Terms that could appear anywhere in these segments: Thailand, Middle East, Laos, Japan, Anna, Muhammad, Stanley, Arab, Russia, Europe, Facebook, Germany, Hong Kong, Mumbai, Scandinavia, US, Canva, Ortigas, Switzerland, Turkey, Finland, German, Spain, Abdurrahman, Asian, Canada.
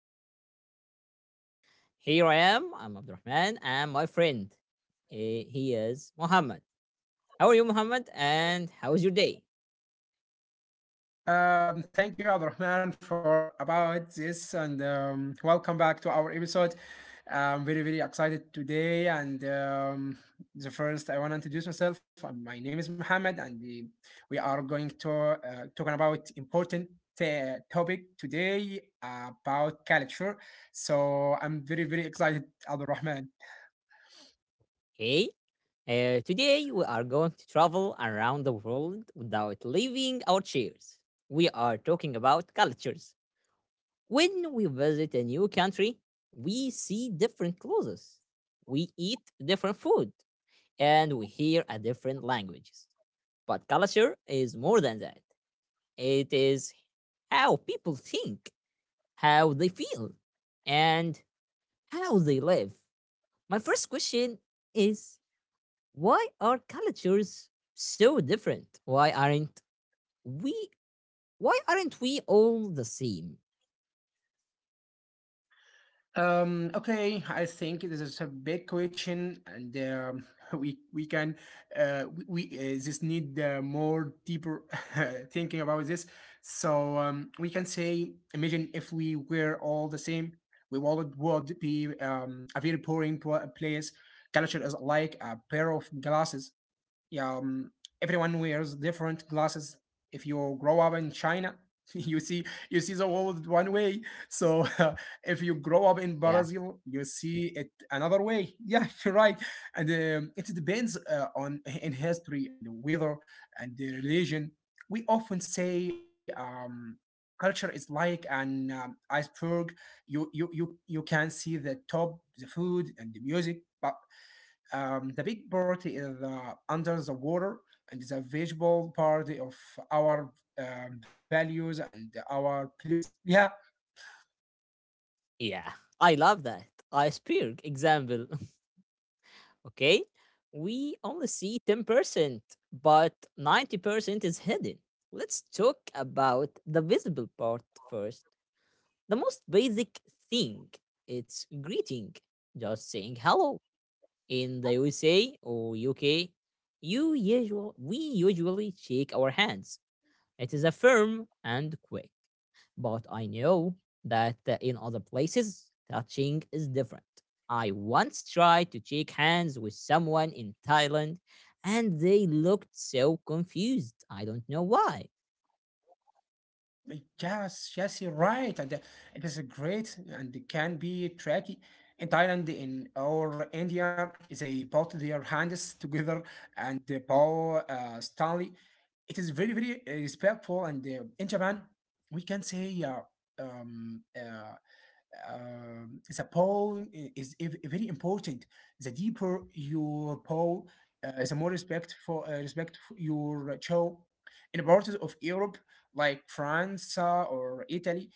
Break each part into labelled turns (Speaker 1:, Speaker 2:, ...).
Speaker 1: world cultures. Here I am, I'm Abdurrahman, and my friend, he is Muhammad. How are you, Muhammad? And how is your day?
Speaker 2: Thank you, Abdurrahman, for about this, and welcome back to our episode. I'm very, very excited today. And I want to introduce myself. My name is Mohammed, and we are going to talking about important topic today about culture. So I'm very, very excited, Abdurrahman.
Speaker 1: Hey, today we are going to travel around the world without leaving our chairs. We are talking about cultures. When we visit a new country, we see different clothes, we eat different food, and we hear a different languages. But culture is more than that. It is how people think, how they feel, and how they live. My first question is, why are cultures so different? We why aren't we all the same?
Speaker 2: Okay, I think this is a big question, and we we can uh, we, we just need more deeper thinking about this. So we can say, imagine if we were all the same, we all would be a very boring place. Culture is like a pair of glasses, yeah, everyone wears different glasses. If you grow up in China, you see you see the world one way. So if you grow up in
Speaker 1: Yeah.
Speaker 2: Brazil, you see it another way. Yeah, you're right. And it depends on in history and the weather and the religion. We often say, culture is like an iceberg. You can see the top, the food, and the music, but the big party is under the water and is a visual party of our values and our beliefs. Yeah,
Speaker 1: Yeah, I love that. Iceberg example. Okay, we only see 10%, but 90% is hidden. Let's talk about the visible part first. The most basic thing, it's greeting, just saying hello. In the USA or UK, you usual we usually shake our hands. It is a firm and quick, but I know that in other places, touching is different. I once tried to shake hands with someone in Thailand, and they looked so confused. I don't know why.
Speaker 2: yes, yes, you're right. And it is great and it can be tricky. In Thailand, or India, they put their hands together and they bow Stanley. It is very, very respectful. And in Japan, we can say um, uh, the poem is very important. The deeper your poem, the more respect for your show. In parts of Europe, like France or Italy,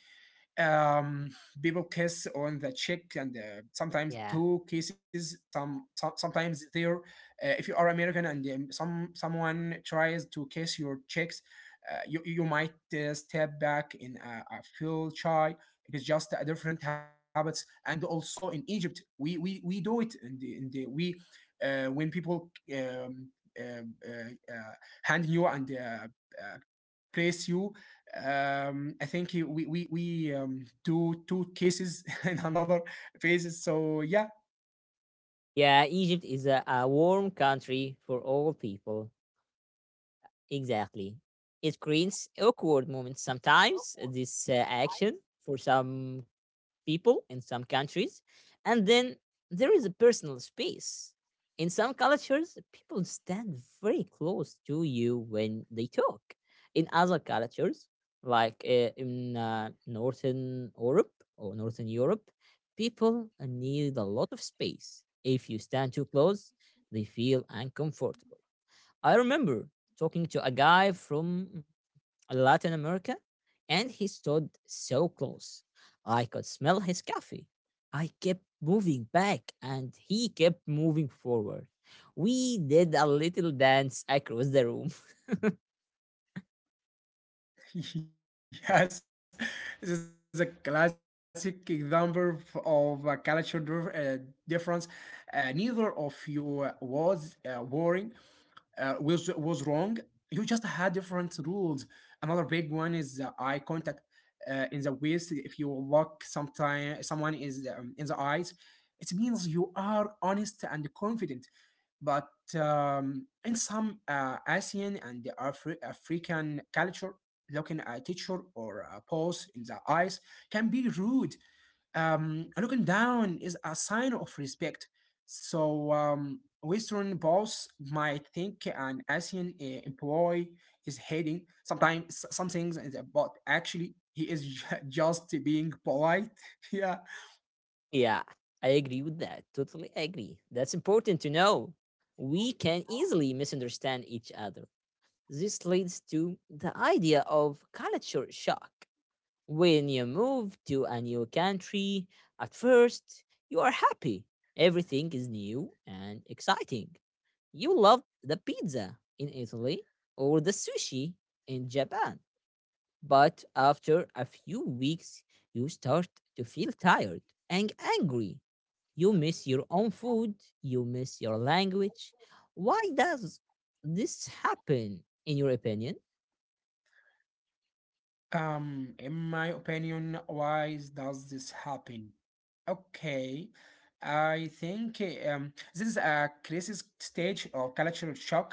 Speaker 2: um, people kiss on the cheek and sometimes
Speaker 1: Yeah.
Speaker 2: two kisses some sometimes there. Uh, if you are American and someone tries to kiss your cheeks, you, you might step back in a feel shy. It is just a different habits, and also in Egypt we do it in the we, when people um, uh, uh, hand you and uh, praise you. I think we do two cases in another phases. So yeah,
Speaker 1: Yeah, Egypt is a warm country for all people. Exactly. It creates awkward moments sometimes, this action for some people in some countries. And then there is a personal space. In some cultures, people stand very close to you when they talk. In other cultures, like in Northern Europe, people need a lot of space. If you stand too close, they feel uncomfortable. I remember talking to a guy from Latin America, and he stood so close. I could smell his coffee. I kept moving back, and he kept moving forward. We did a little dance across the room.
Speaker 2: yes, this is a classic example of a difference. Neither of you was worrying was wrong. You just had different rules. Another big one is eye contact in the waist. If you look sometime someone is in the eyes, it means you are honest and confident. But in some Asian and African culture, looking at a teacher or a boss in the eyes can be rude. Looking down is a sign of respect. So, Western boss might think an Asian employee is hating sometimes some things, but actually he is just being polite. Yeah.
Speaker 1: Yeah, I agree with that. Totally agree. That's important to know. We can easily misunderstand each other. This leads to the idea of culture shock. When you move to a new country, at first you are happy. Everything is new and exciting. You love the pizza in Italy or the sushi in Japan. But after a few weeks, you start to feel tired and angry. You miss your own food, you miss your language. Why does this happen, in your opinion?
Speaker 2: In my opinion, why does this happen? Okay, I think this is a crisis stage or cultural shock.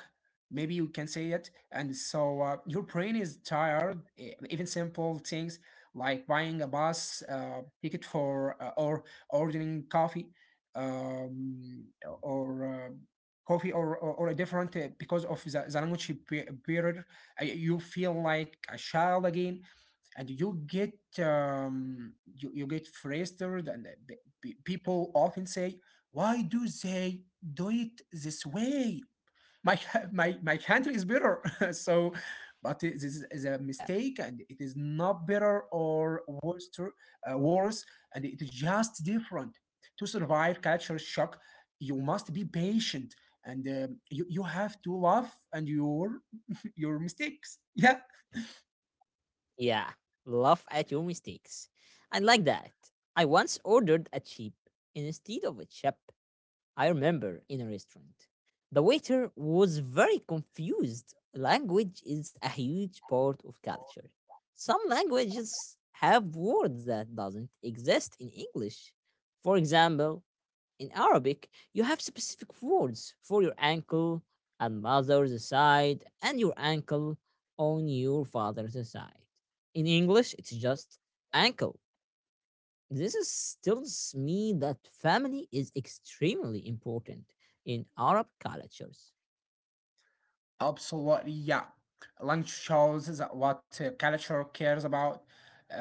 Speaker 2: Maybe you can say it. And so your brain is tired. Even simple things like buying a bus ticket for or ordering coffee, um, or coffee or a different because of the language barrier, you feel like a child again, and you, you get frustrated, and people often say, "Why do they do it this way? My, My country is better." So this is a
Speaker 1: Yeah,
Speaker 2: mistake, and it is not better or worse, and it is just different. To survive culture shock you must be patient, and you, you have to love and your mistakes. Yeah.
Speaker 1: yeah. Laugh at your mistakes. I like that. I once ordered a chip instead of a chip, I remember, in a restaurant. The waiter was very confused. Language is a huge part of culture. Some languages have words that doesn't exist in English. For example, in Arabic, you have specific words for your ankle on mother's side and your ankle on your father's side. In English, it's just ankle. This is tells me that family is extremely important in Arab cultures.
Speaker 2: Absolutely, yeah. Language shows that what culture cares about.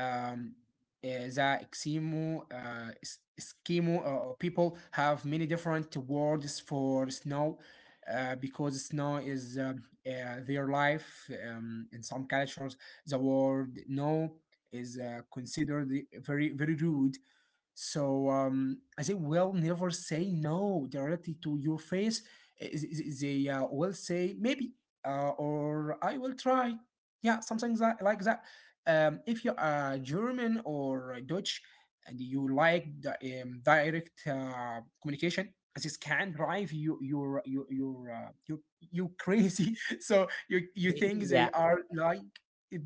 Speaker 2: Um, Eskimo people have many different words for snow because snow is their life. In some cultures, the word "no" is considered very, very rude. So they will never say no directly to your face. Uh, th- They will say maybe, or "I will try." Yeah, something like that. If you are German or Dutch and you like the, direct communication, this can drive you crazy. So you think
Speaker 1: Yeah,
Speaker 2: they are like,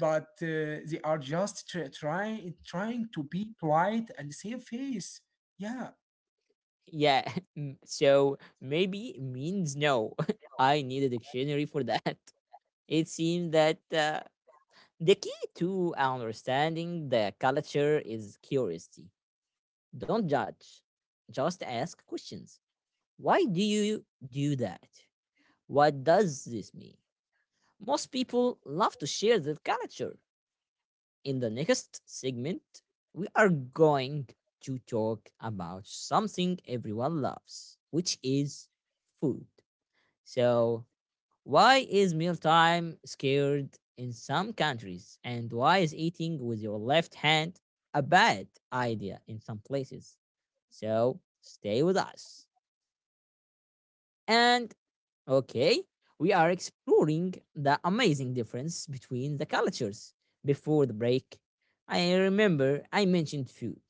Speaker 2: but they are just trying to be polite and save face. Yeah.
Speaker 1: yeah. So maybe means no. I need a dictionary for that. It seems that the key to understanding the culture is curiosity. Don't judge. Just ask questions. Why do you do that? What does this mean? Most people love to share their culture. In the next segment, we are going to talk about something everyone loves, which is food. So, why is mealtime scared in some countries? And why is eating with your left hand a bad idea in some places? So stay with us. And okay, we are exploring the amazing difference between the cultures. Before the break, I remember I mentioned food.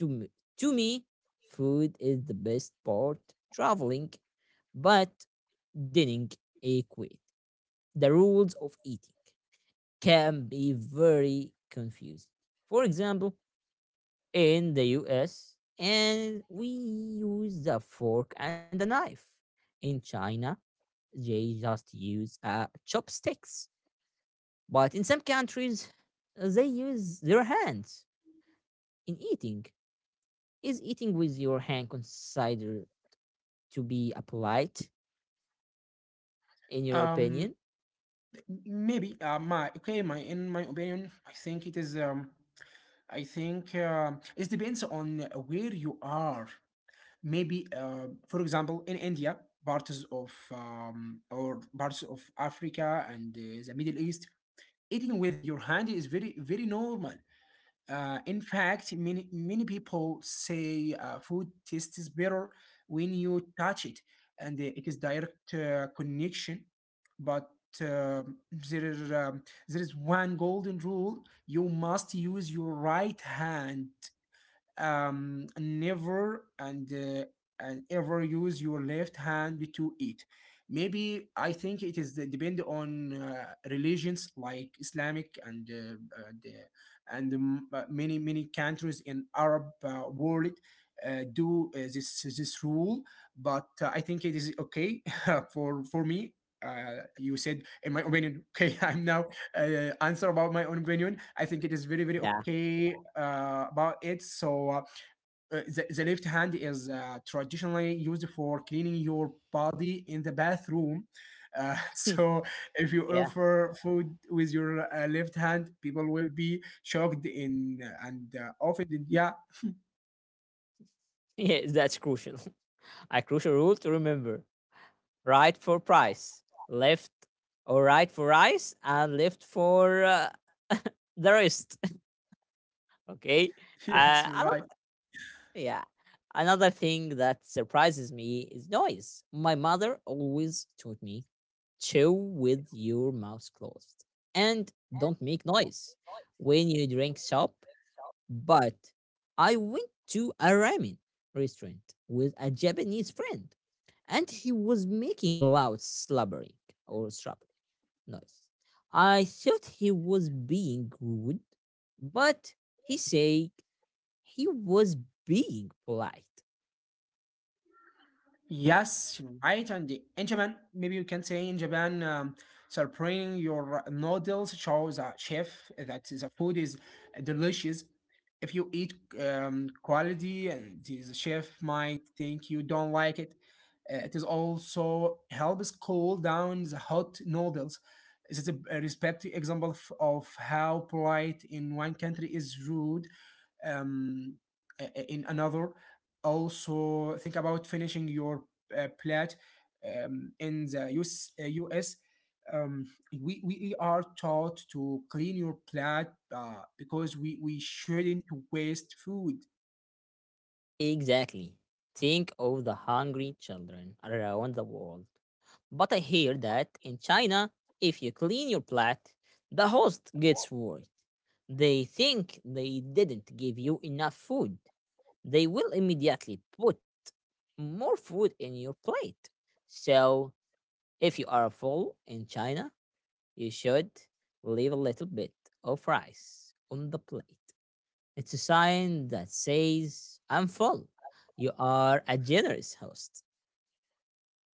Speaker 1: To me, to me, food is the best part traveling, but didn't equate the rules of eating. Can be very confusing. For example, in the US, and we use a fork and a knife. In China, they just use chopsticks. But in some countries, they use their hands in eating. Is eating with your hand considered to be a polite, in your
Speaker 2: Um.
Speaker 1: opinion?
Speaker 2: Maybe. My okay. My in my opinion, I think it is. I think it depends on where you are. Maybe. For example, in India, parts of Africa and the Middle East, eating with your hand is very very normal. In fact, many many people say food tastes better when you touch it, and it is direct connection. But um there is um, there is one golden rule: you must use your right hand, never and ever use your left hand to eat. Maybe I think it depend on religions like Islamic and, many many countries in Arab world do this rule. But I think it is okay for me. You said in my opinion. Okay, I'm now answer about my own opinion. I think it is very, very
Speaker 1: Yeah.
Speaker 2: okay about it. So the left hand is traditionally used for cleaning your body in the bathroom. So if you
Speaker 1: Yeah.
Speaker 2: offer food with your left hand, people will be shocked in and offended. Yeah,
Speaker 1: Yeah, that's crucial. A crucial rule to remember. Right for price, left or right for eyes, and left for the rest. Okay.
Speaker 2: yes, right.
Speaker 1: Another, yeah. Another thing that surprises me is noise. My mother always taught me chew with your mouth closed and don't make noise when you drink soup, but I went to a ramen restaurant with a Japanese friend, and he was making loud slubbering or strubbling noise. I thought he was being rude, but he said he was being polite.
Speaker 2: Yes, mm, right. And in Japan, maybe you can say in Japan, serving your noodles shows a chef that the food is delicious. If you eat quality, and the chef might think you don't like it. It is also helps cool down the hot noodles. This is a respect example of how polite in one country is rude um, in another. Also think about finishing your plat, in the US, US, um, we are taught to clean your plate because we shouldn't waste food.
Speaker 1: Exactly. Think of the hungry children around the world. But I hear that in China, if you clean your plate, the host gets worried. They think they didn't give you enough food. They will immediately put more food in your plate. So, if you are full in China, you should leave a little bit of rice on the plate. It's a sign that says, I'm full. You are a generous host.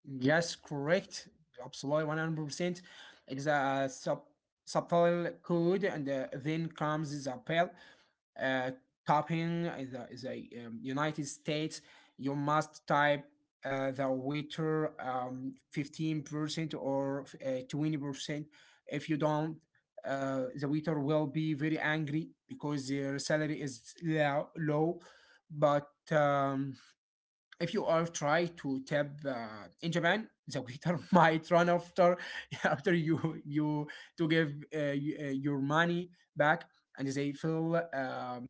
Speaker 2: Yes, correct. Absolutely, 100%. It is a subtle code, and then comes the pill. Uh, Tapping in the United States, you must type the waiter 15% or 20%. If you don't, the waiter will be very angry because their salary is low. But if you are try to tap in Japan, the waiter might run after after you to give your money back, and they feel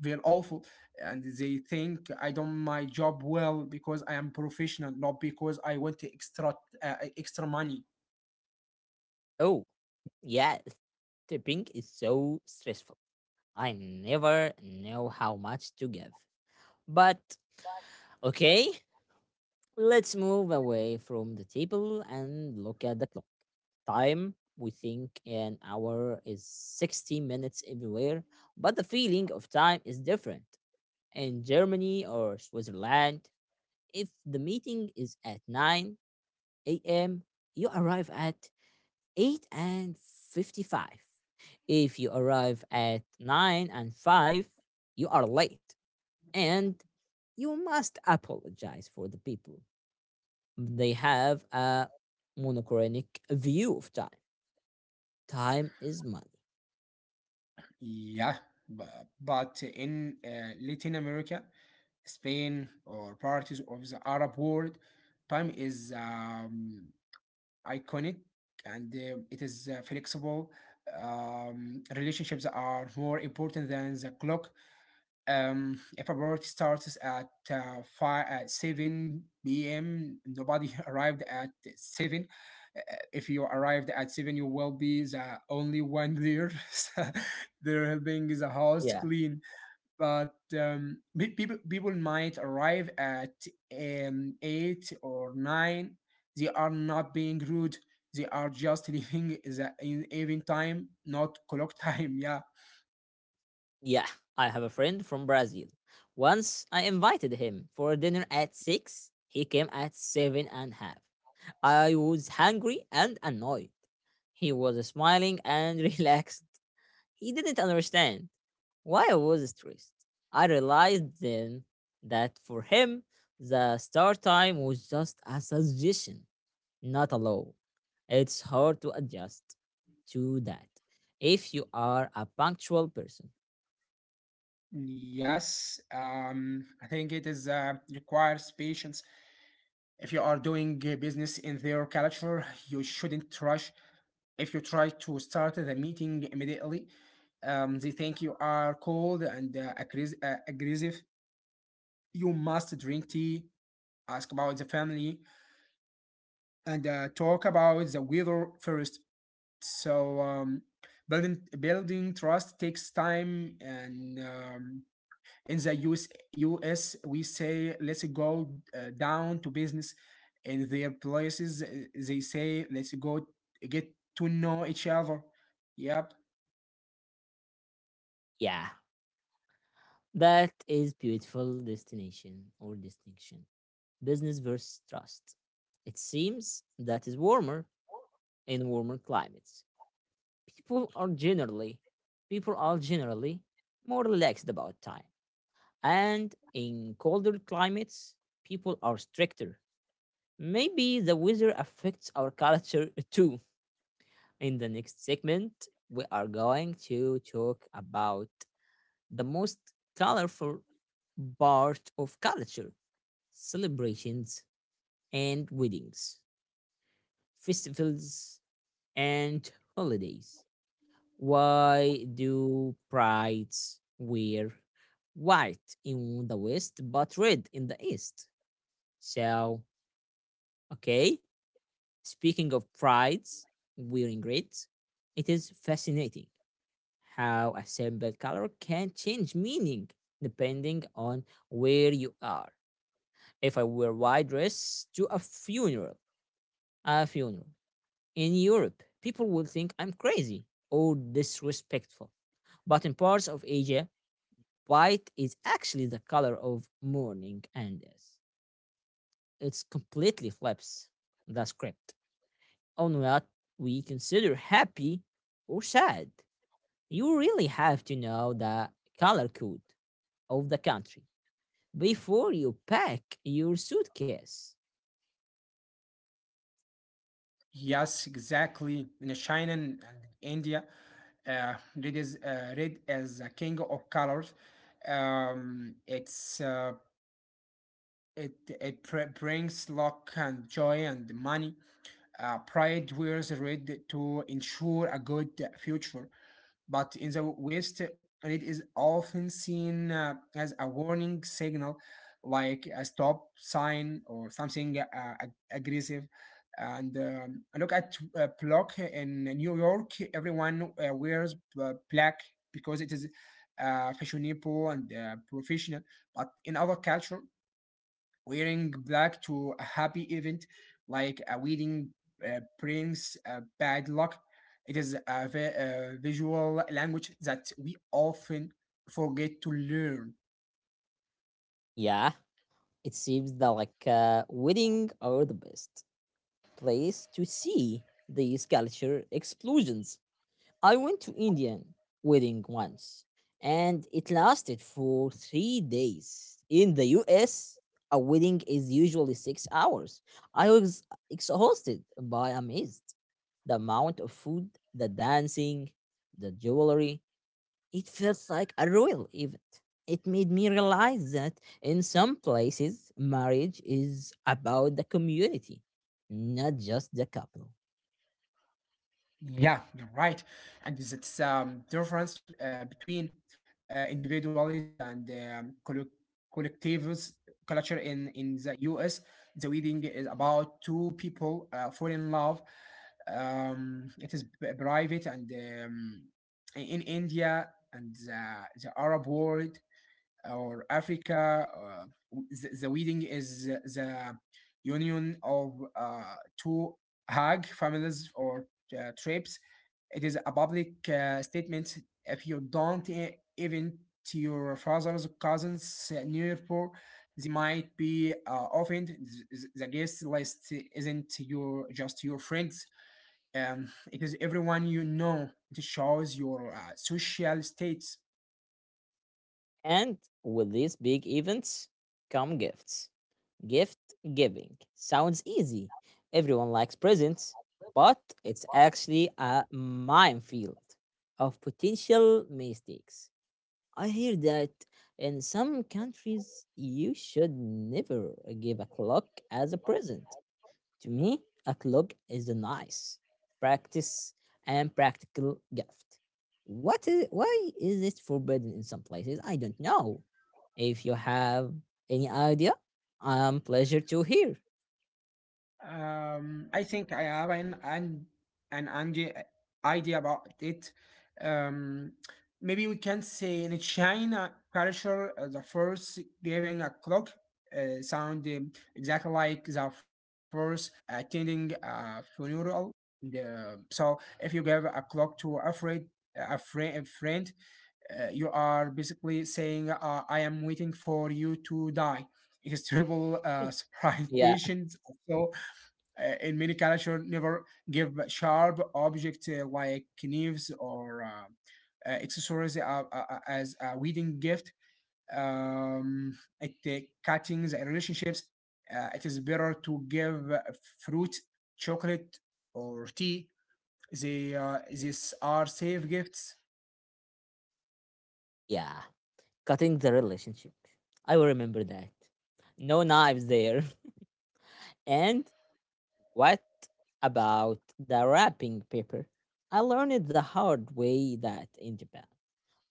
Speaker 2: feel awful, and they think I done my job well because I am professional, not because I want to extra money.
Speaker 1: Oh, yeah, tipping is so stressful. I never know how much to give. But okay, let's move away from the table and look at the clock. Time, we think an hour is 60 minutes everywhere, but the feeling of time is different. In Germany or Switzerland, if the meeting is at 9 a.m., you arrive at 8 and 55. If you arrive at 9 and 5, you are late, and you must apologize for the people. They have a monochronic view of time. Time is money.
Speaker 2: Yeah, but in Latin America, Spain or parties of the Arab world, time is iconic and it is flexible. Relationships are more important than the clock. If a party starts at five at seven p.m., nobody arrived at seven. Uh, If you arrived at seven, you will be the only one there. So they're helping the house
Speaker 1: Yeah.
Speaker 2: clean, but people might arrive at eight or nine. They are not being rude. They are just leaving the in even time, not clock time. Yeah.
Speaker 1: Yeah, I have a friend from Brazil. Once I invited him for dinner at 6, he came at seven and a half. I was hungry and annoyed. He was smiling and relaxed. He didn't understand why I was stressed. I realized then that for him, the start time was just a suggestion, not a law. It's hard to adjust to that if you are a punctual person.
Speaker 2: Yes. I think it is requires patience. If you are doing business in their culture, you shouldn't rush. If you try to start the meeting immediately, they think you are cold and aggressive. You must drink tea, ask about the family, and talk about the weather first. So building trust takes time, and in the US we say, "Let's go down to business." In their places, they say, "Let's go get to know each other." Yep.
Speaker 1: Yeah, that is beautiful destination or distinction. Business versus trust. It seems that is warmer in warmer climates. people are generally people are generally more relaxed about time, and in colder climates people are stricter. Maybe the weather affects our culture too. In the next segment, we are going to talk about the most colorful part of culture: celebrations and weddings, festivals, and holidays. Why do prides wear white in the West but red in the East? So, okay, speaking of prides wearing red, it is fascinating how a simple color can change meaning depending on where you are. If I wear white dress to a funeral, a funeral in Europe, people will think I'm crazy or disrespectful. But in parts of Asia, white is actually the color of mourning and death. It's completely flips the script on what we consider happy or sad. You really have to know the color code of the country before you pack your suitcase.
Speaker 2: Yes, exactly. In China and India, red as a king of colors. Um, it's uh, It, it brings luck and joy and money. Pride wears red to ensure a good future. But in the West, red is often seen as a warning signal, like a stop sign or something aggressive. And I look at block in New York. Everyone wears black because it is fashionable and professional. But in other culture, wearing black to a happy event like a wedding brings bad luck. It is a visual language that we often forget to learn.
Speaker 1: Yeah, it seems that like wedding are the best place to see these culture explosions. I went to Indian wedding once, and it lasted for 3 days. In the US, a wedding is usually 6 hours. I was exhausted by amazed the amount of food, the dancing, the jewelry. It felt like a royal event. It made me realize that in some places marriage is about the community, not just the couple.
Speaker 2: Yeah, you're right. And there's it's difference between individualist and collectivist culture in the US. The wedding is about two people fall in love. It is private, and in India and the Arab world or Africa. The wedding is the union of two Hag families or tribes. It is a public statement. If you don't even to your father's cousins neighbor, they might be offended. The guest list isn't your just your friends. It is everyone you know. It shows your social status.
Speaker 1: And with these big events come gifts. Gift giving sounds easy. Everyone likes presents, but it's actually a minefield of potential mistakes. I hear that in some countries you should never give a clock as a present. To me, a clock is a nice practice and practical gift. What is why is it forbidden in some places? I don't know. If you have any idea, I'm pleasure to hear.
Speaker 2: I think I have an idea idea about it. Um, Maybe we can say in China culture, the first giving a clock sound exactly like the first attending a funeral. So if you give a clock to a friend, you are basically saying, "I am waiting for you to die." It is terrible surprise.
Speaker 1: Yeah,
Speaker 2: So in many cultures never give sharp objects like knives or accessories as a wedding gift. Um, at the cuttings and relationships, it is better to give fruit, chocolate, or tea. They These are safe gifts.
Speaker 1: yeah. Cutting the relationship. I will remember that. No knives there. And what about the wrapping paper? I learned it the hard way that in Japan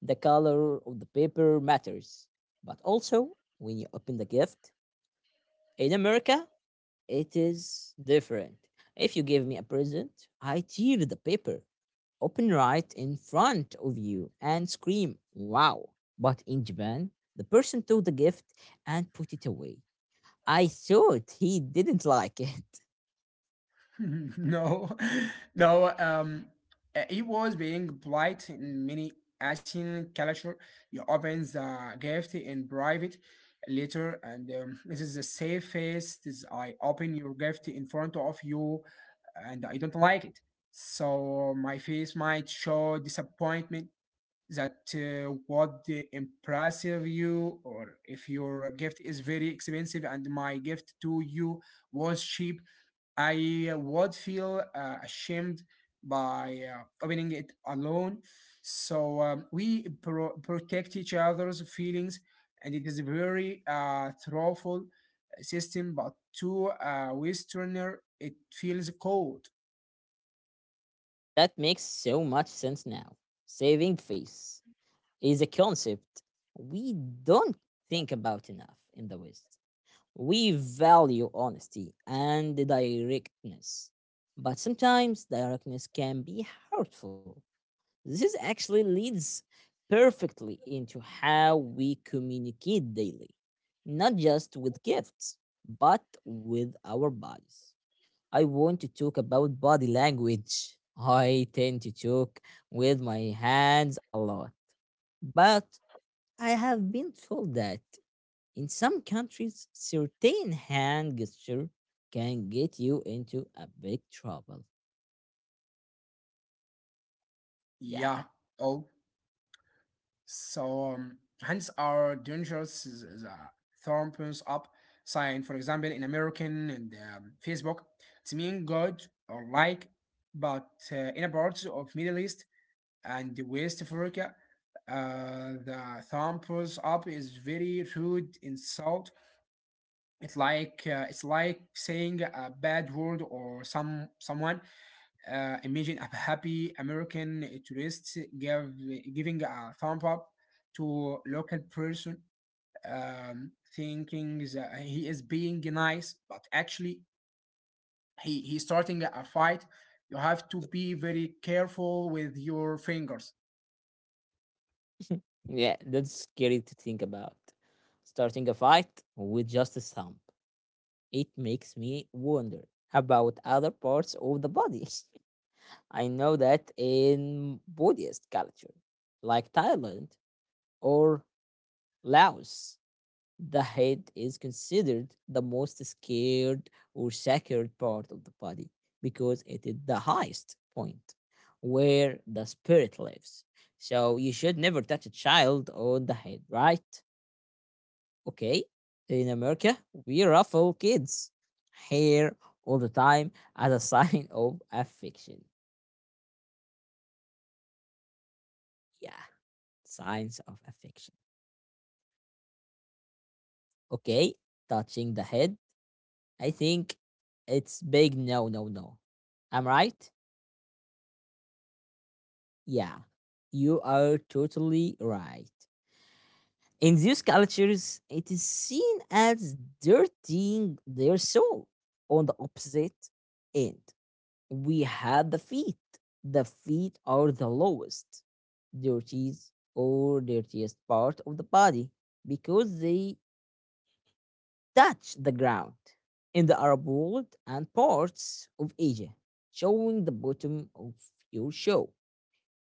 Speaker 1: the color of the paper matters. But also, when you open the gift, in America, it is different. If you give me a present, I tear the paper, open right in front of you, and scream, wow. But in Japan, the person took the gift and put it away. I thought he didn't like it.
Speaker 2: No, no. It was being polite in many Asian culture. You open the gift in private later, and this is the safest. Is I open your gift in front of you, and I don't like it. So my face might show disappointment, that what the impressive you, or if your gift is very expensive and my gift to you was cheap, I would feel ashamed by opening it alone. So we protect each other's feelings, and it is a very thoughtful system. But to a Westerner, it feels cold.
Speaker 1: That makes so much sense now. Saving face is a concept we don't think about enough in the West. We value honesty and directness, but sometimes directness can be hurtful. This is actually leads perfectly into how we communicate daily, not just with gifts, but with our bodies. I want to talk about body language. I tend to talk with my hands a lot, but I have been told that in some countries, certain hand gesture can get you into a big trouble. Yeah,
Speaker 2: Yeah. Oh, so hence our dangerous is a thumbs up sign. For example, in American and Facebook, it's mean good or like, but in parts of Middle East and West Africa, the thumbs up is very rude insult. It's like saying a bad word or some someone. Uh, imagine a happy American tourist giving a thumb up to local person, thinking that he is being nice, but actually he's starting a fight. You have to be very careful with your fingers.
Speaker 1: yeah, that's scary to think about. Starting a fight with just a thumb. It makes me wonder about other parts of the body. I know that in Buddhist culture, like Thailand or Laos, the head is considered the most scared or sacred part of the body because it is the highest point where the spirit lives. So you should never touch a child on the head, right? Okay. In America, we ruffle kids' hair all the time as a sign of affection. Yeah, signs
Speaker 2: Yes,
Speaker 1: of affection.
Speaker 2: right.
Speaker 1: Okay, touching the head. I think it's big no, no, no. I'm right? Yeah, you are
Speaker 2: Oh
Speaker 1: totally
Speaker 2: my God!
Speaker 1: right. In these cultures, it is seen as dirtying their soul. On the opposite end, we have the feet. The feet are the lowest, dirtiest or dirtiest part of the body because they touch the ground. In the Arab world and parts of Asia, showing the bottom of your shoe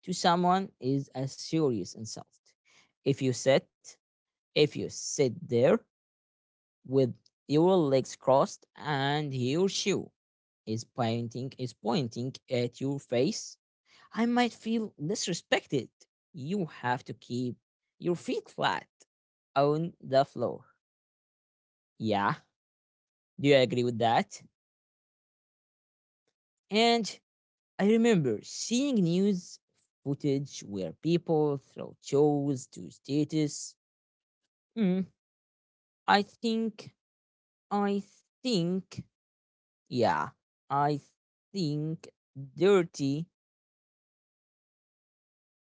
Speaker 1: to someone is a serious insult. If you sit, if you sit there with your legs crossed and your shoe is pointing at your face, I might feel disrespected. You have to keep your feet flat on the floor. Yeah, do you agree with that? And I remember seeing news footage where people throw chairs to status. Mm, I think I think, yeah, I think dirty.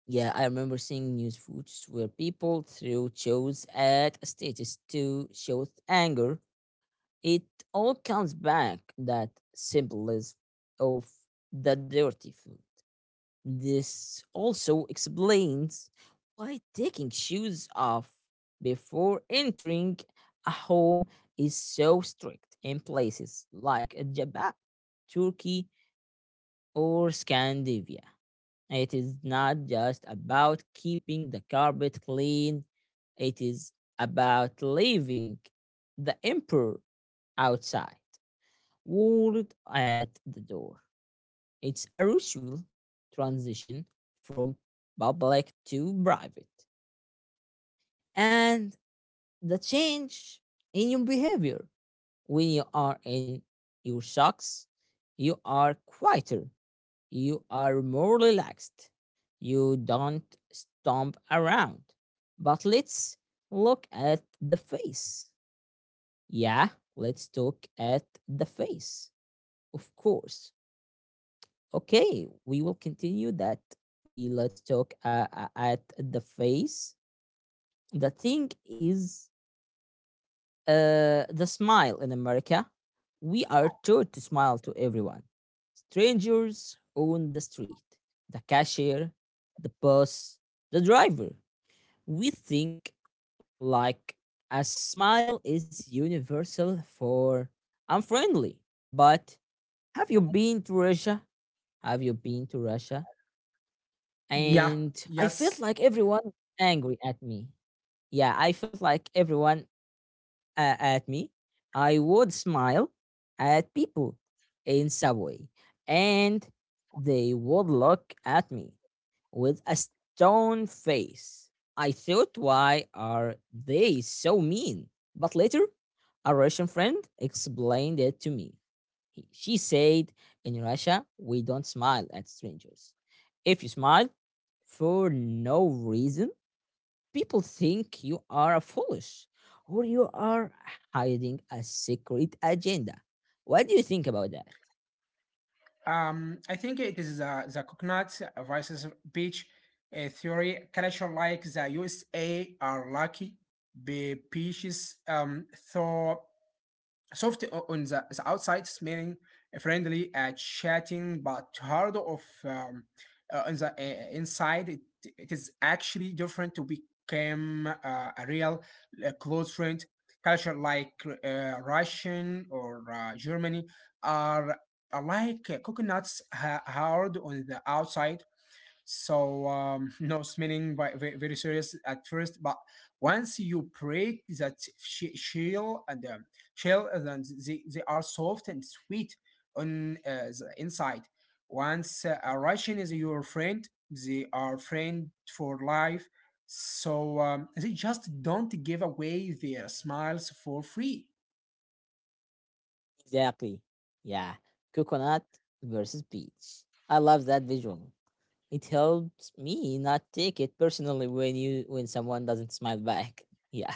Speaker 1: Yeah, I remember seeing news footage where people threw shows at stages to show anger. It all comes back that symbolism of the dirty food. This also explains why taking shoes off before entering a home is so strict in places like Japan, Turkey, or Scandinavia. It is not just about keeping the carpet clean, it is about leaving the emperor outside, walled at the door. It's a usual transition from public to private. And the change in your behavior. When you are in your socks, you are quieter, you are more relaxed, you don't stomp around. But let's look at the face. Yeah, let's look at the face, of course. Okay, we will continue that. We let's talk at the face. The thing is, the smile in America. We are taught to smile to everyone, strangers on the street, the cashier, the boss, the driver. We think like a smile is universal for unfriendly. But have you been to Russia? Have you been to Russia? And I felt like everyone was angry at me. Yeah, I felt like everyone at me. I would smile at people in subway, and they would look at me with a stone face. I thought, why are they so mean? But later, a Russian friend explained it to me. She said, in Russia, we don't smile at strangers. If you smile for no reason, people think you are a foolish or you are hiding a secret agenda. What do you think about that? Exactly. Yeah. Coconut versus peach. I love that visual. It helps me not take it personally when someone doesn't smile back. Yeah.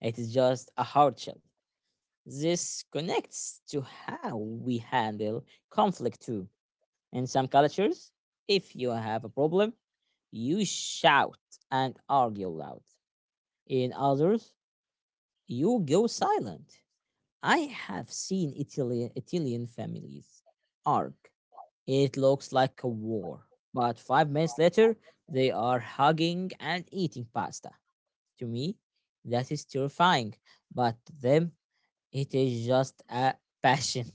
Speaker 1: It is just a hardship. This connects to how we handle conflict too. In some cultures, if you have a problem, you shout and argue loud. In others, you go silent. I have seen Italian families arc. It looks like a war, but 5 minutes later, they are hugging and eating pasta. To me, that is terrifying, but to them, it is just a passion.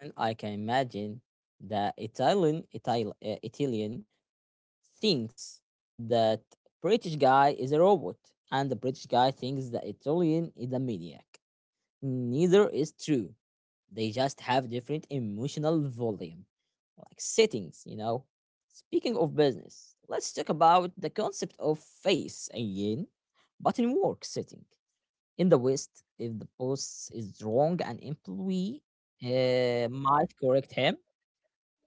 Speaker 1: And I can imagine the Italian thinks that British guy is a robot, and the British guy thinks the Italian is a maniac. Neither is true. They just have different emotional volume, like settings, you know. Speaking of business, let's talk about the concept of face again, but in work setting. In the West, if the boss is wrong, an employee might correct him.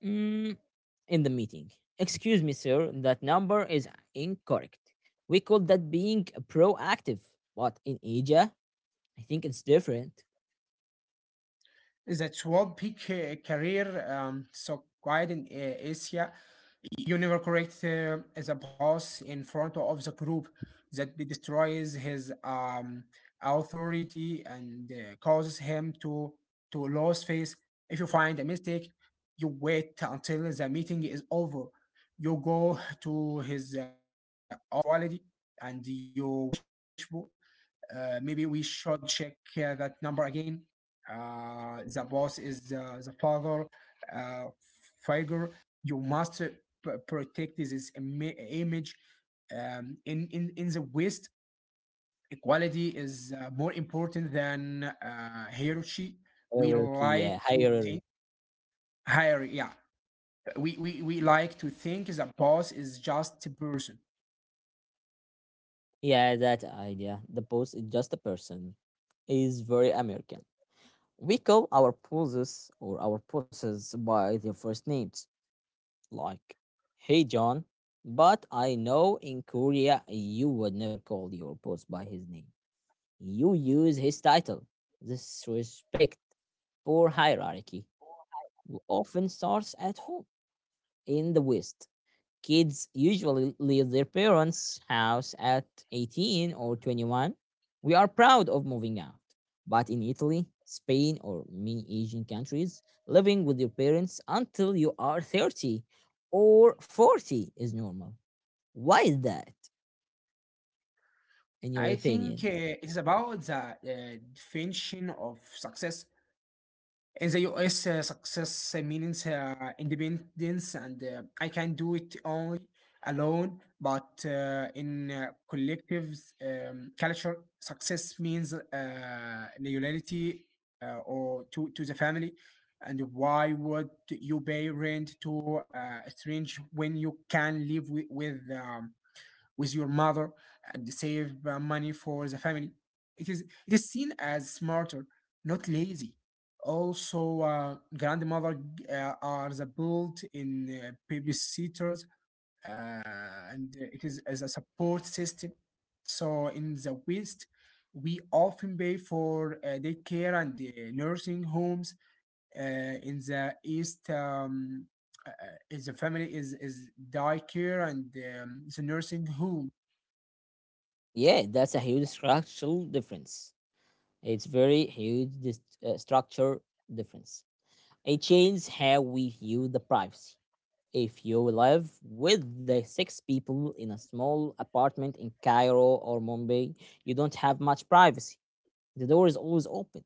Speaker 1: Mm, in the meeting. Excuse me, sir, that number is incorrect. We call that being proactive, but in Asia, I think it's different. Hierarchy. Yeah, that idea. The boss is just a person, is very American. We call our bosses by their first names, like, hey, John. But I know in Korea, you would never call your boss by his name. You use his title. This respect for hierarchy often starts at home. In the West, kids usually leave their parents' house at 18 or 21. We are proud of moving out. But in Italy, Spain, or many Asian countries, living with your parents until you are 30 or 40 is normal. Why is that, in your opinion? Yeah, that's a huge structural difference. It's very huge this structure difference. It changes how we view the privacy. If you live with the six people in a small apartment in Cairo or Mumbai, you don't have much privacy. The door is always open.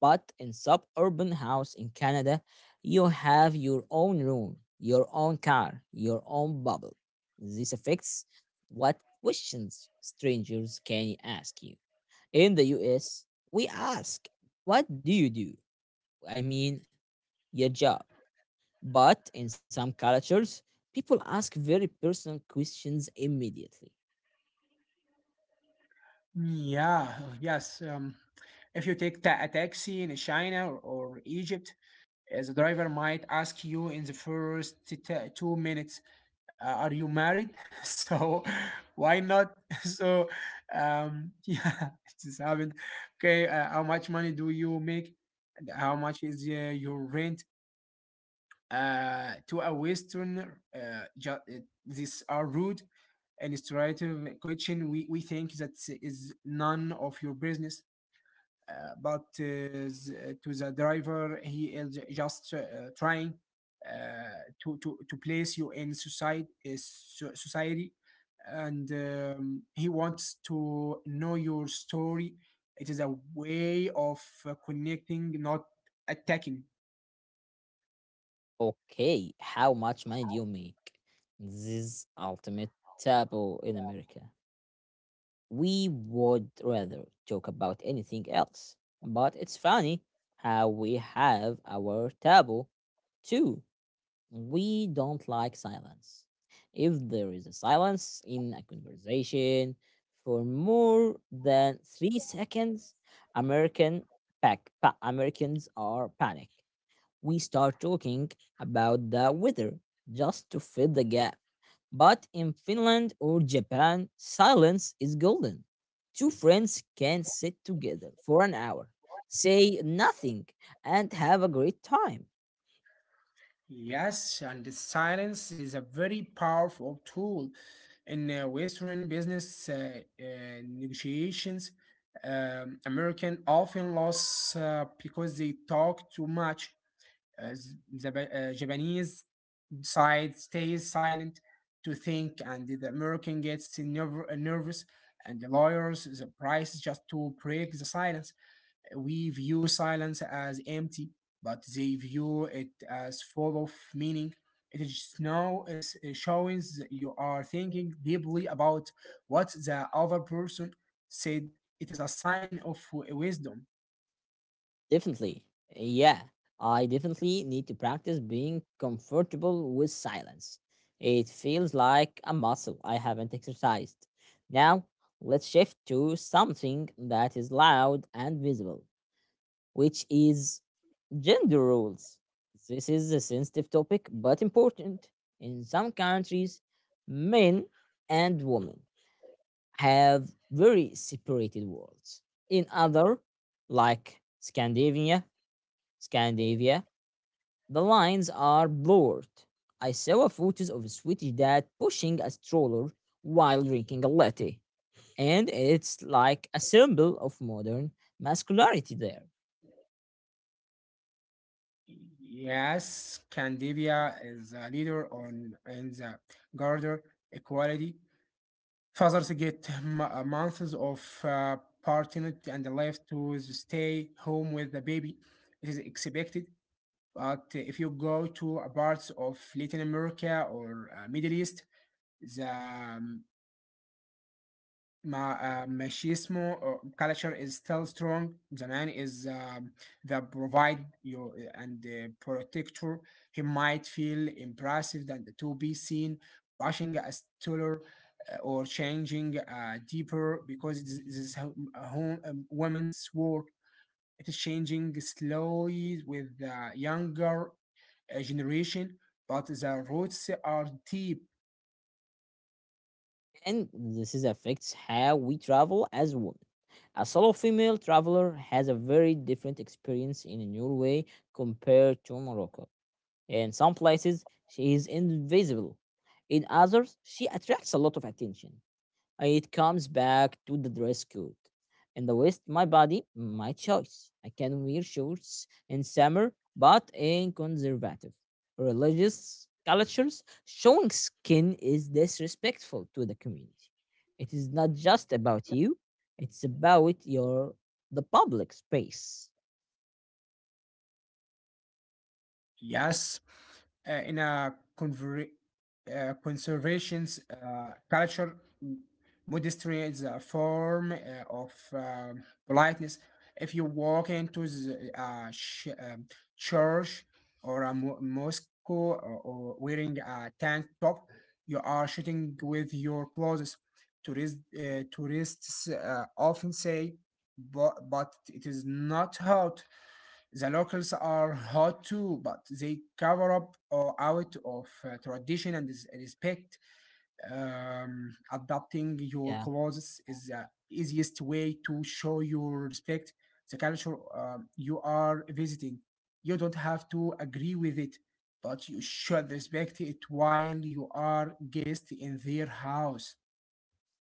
Speaker 1: But in suburban house in Canada, you have your own room, your own car, your own bubble. This affects what questions strangers can ask you in the US. We ask, what do you do? I mean, your job. But in some cultures, people ask very personal questions immediately. Okay, how much money do you make? This is ultimate taboo in America. We would rather talk about anything else. But it's funny how we have our taboo too. We don't like silence. If there is a silence in a conversation for more than 3 seconds, American Americans are panic. We start talking about the weather just to fill the gap. But in Finland or Japan, silence is golden. Two friends can sit together for an hour, say nothing, and have a great time. Definitely. Yeah, I definitely need to practice being comfortable with silence. It feels like a muscle I haven't exercised. Now, let's shift to something that is loud and visible, which is gender roles. This is a sensitive topic but important. In some countries, men and women have very separated worlds. In other, like Scandinavia, the lines are blurred. I saw a photos of a Swedish dad pushing a stroller while drinking a latte. And it's like a symbol of modern masculinity there. And this is affects how we travel as women. A solo female traveler has a very different experience in Norway compared to Morocco. In some places, she is invisible. In others, she attracts a lot of attention. It comes back to the dress code. In the West, my body, my choice. I can wear shorts in summer, but in conservative, religious cultures, showing skin is disrespectful to the community. It is not just about you, it's about your the public space. Yeah.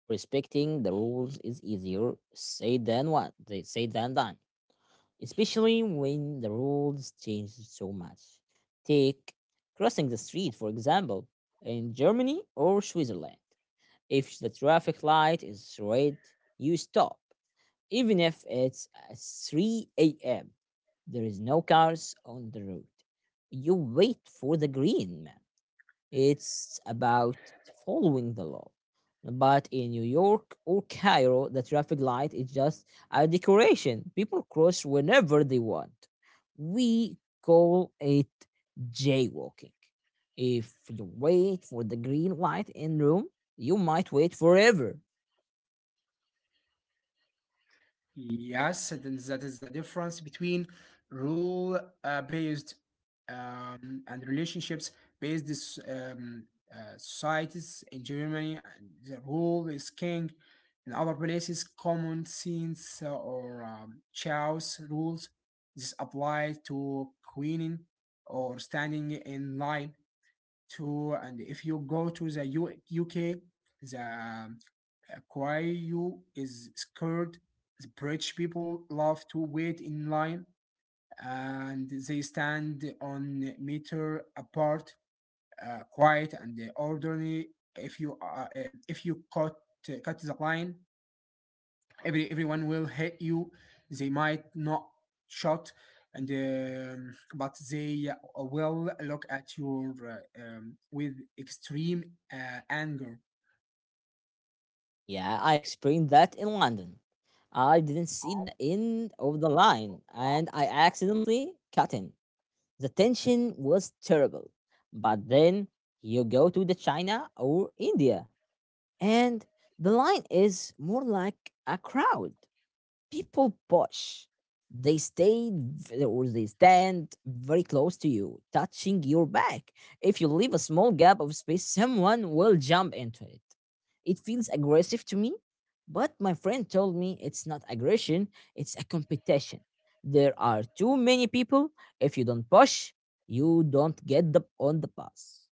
Speaker 1: Respecting the rules is easier said than done, especially when the rules change so much. Take crossing the street, for example, in Germany or Switzerland. If the traffic light is red, you stop, even if it's at 3 a.m. There is no cars on the road. You wait for the green man. It's about following the law. But in New York or Cairo, the traffic light is just a decoration. People cross whenever they want. We call it jaywalking. If you wait for the green light in Rome, you might wait forever. Yeah, I experienced that in London. I didn't see the end of the line and I accidentally cut in. The tension was terrible. But then you go to the China or India, and the line is more like a crowd. People push. Or they stand very close to you, touching your back. If you leave a small gap of space, someone will jump into it. It feels aggressive to me, but my friend told me it's not aggression, it's a competition. There are too many people. If you don't push, you don't get the on the bus.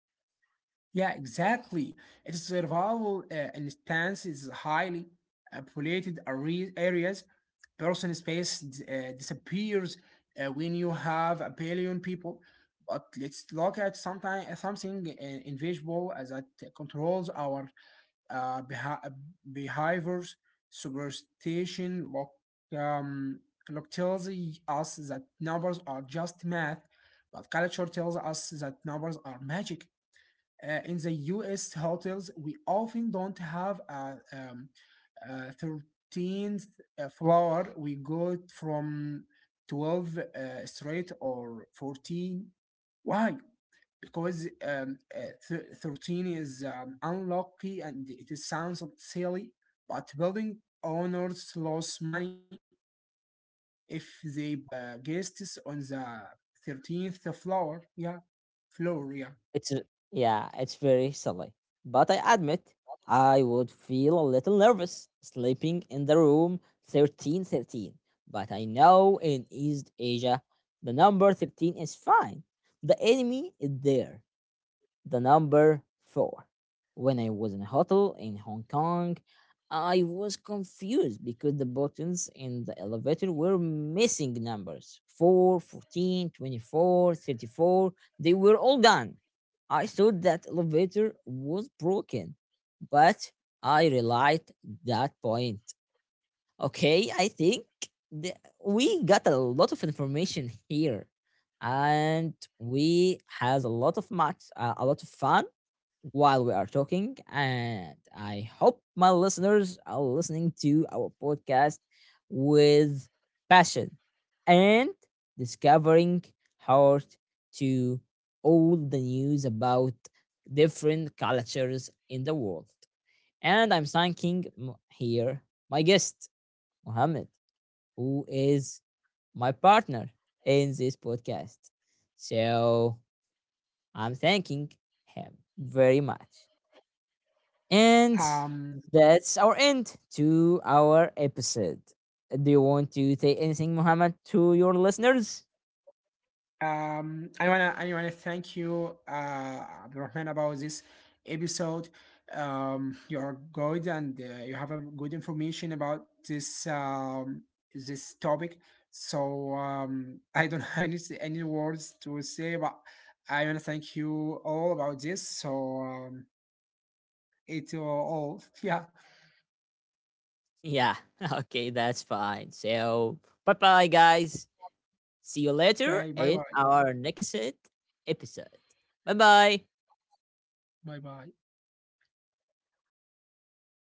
Speaker 1: It's yeah, it's very silly. But I admit I would feel a little nervous sleeping in the room 1313. But I know in East Asia the number 13 is fine. The enemy is there. The number four. When I was in a hotel in Hong Kong, I was confused because the buttons in the elevator were missing numbers 4, 14, 24, 34. They were all gone. I thought that elevator was broken, but I realized that point. Okay, I think the, we got a lot of information here, and we had a lot of fun while we are talking. And I hope my listeners are listening to our podcast with passion and discovering how to all the news about different cultures in the world. And I'm thanking here my guest, Mohammed, who is my partner in this podcast. So I'm thanking him very much. And that's our end to our episode. Do you want to say anything, Mohammed, to your listeners? Yeah, okay, that's fine. So bye bye, guys. See you later in our next episode. Bye bye.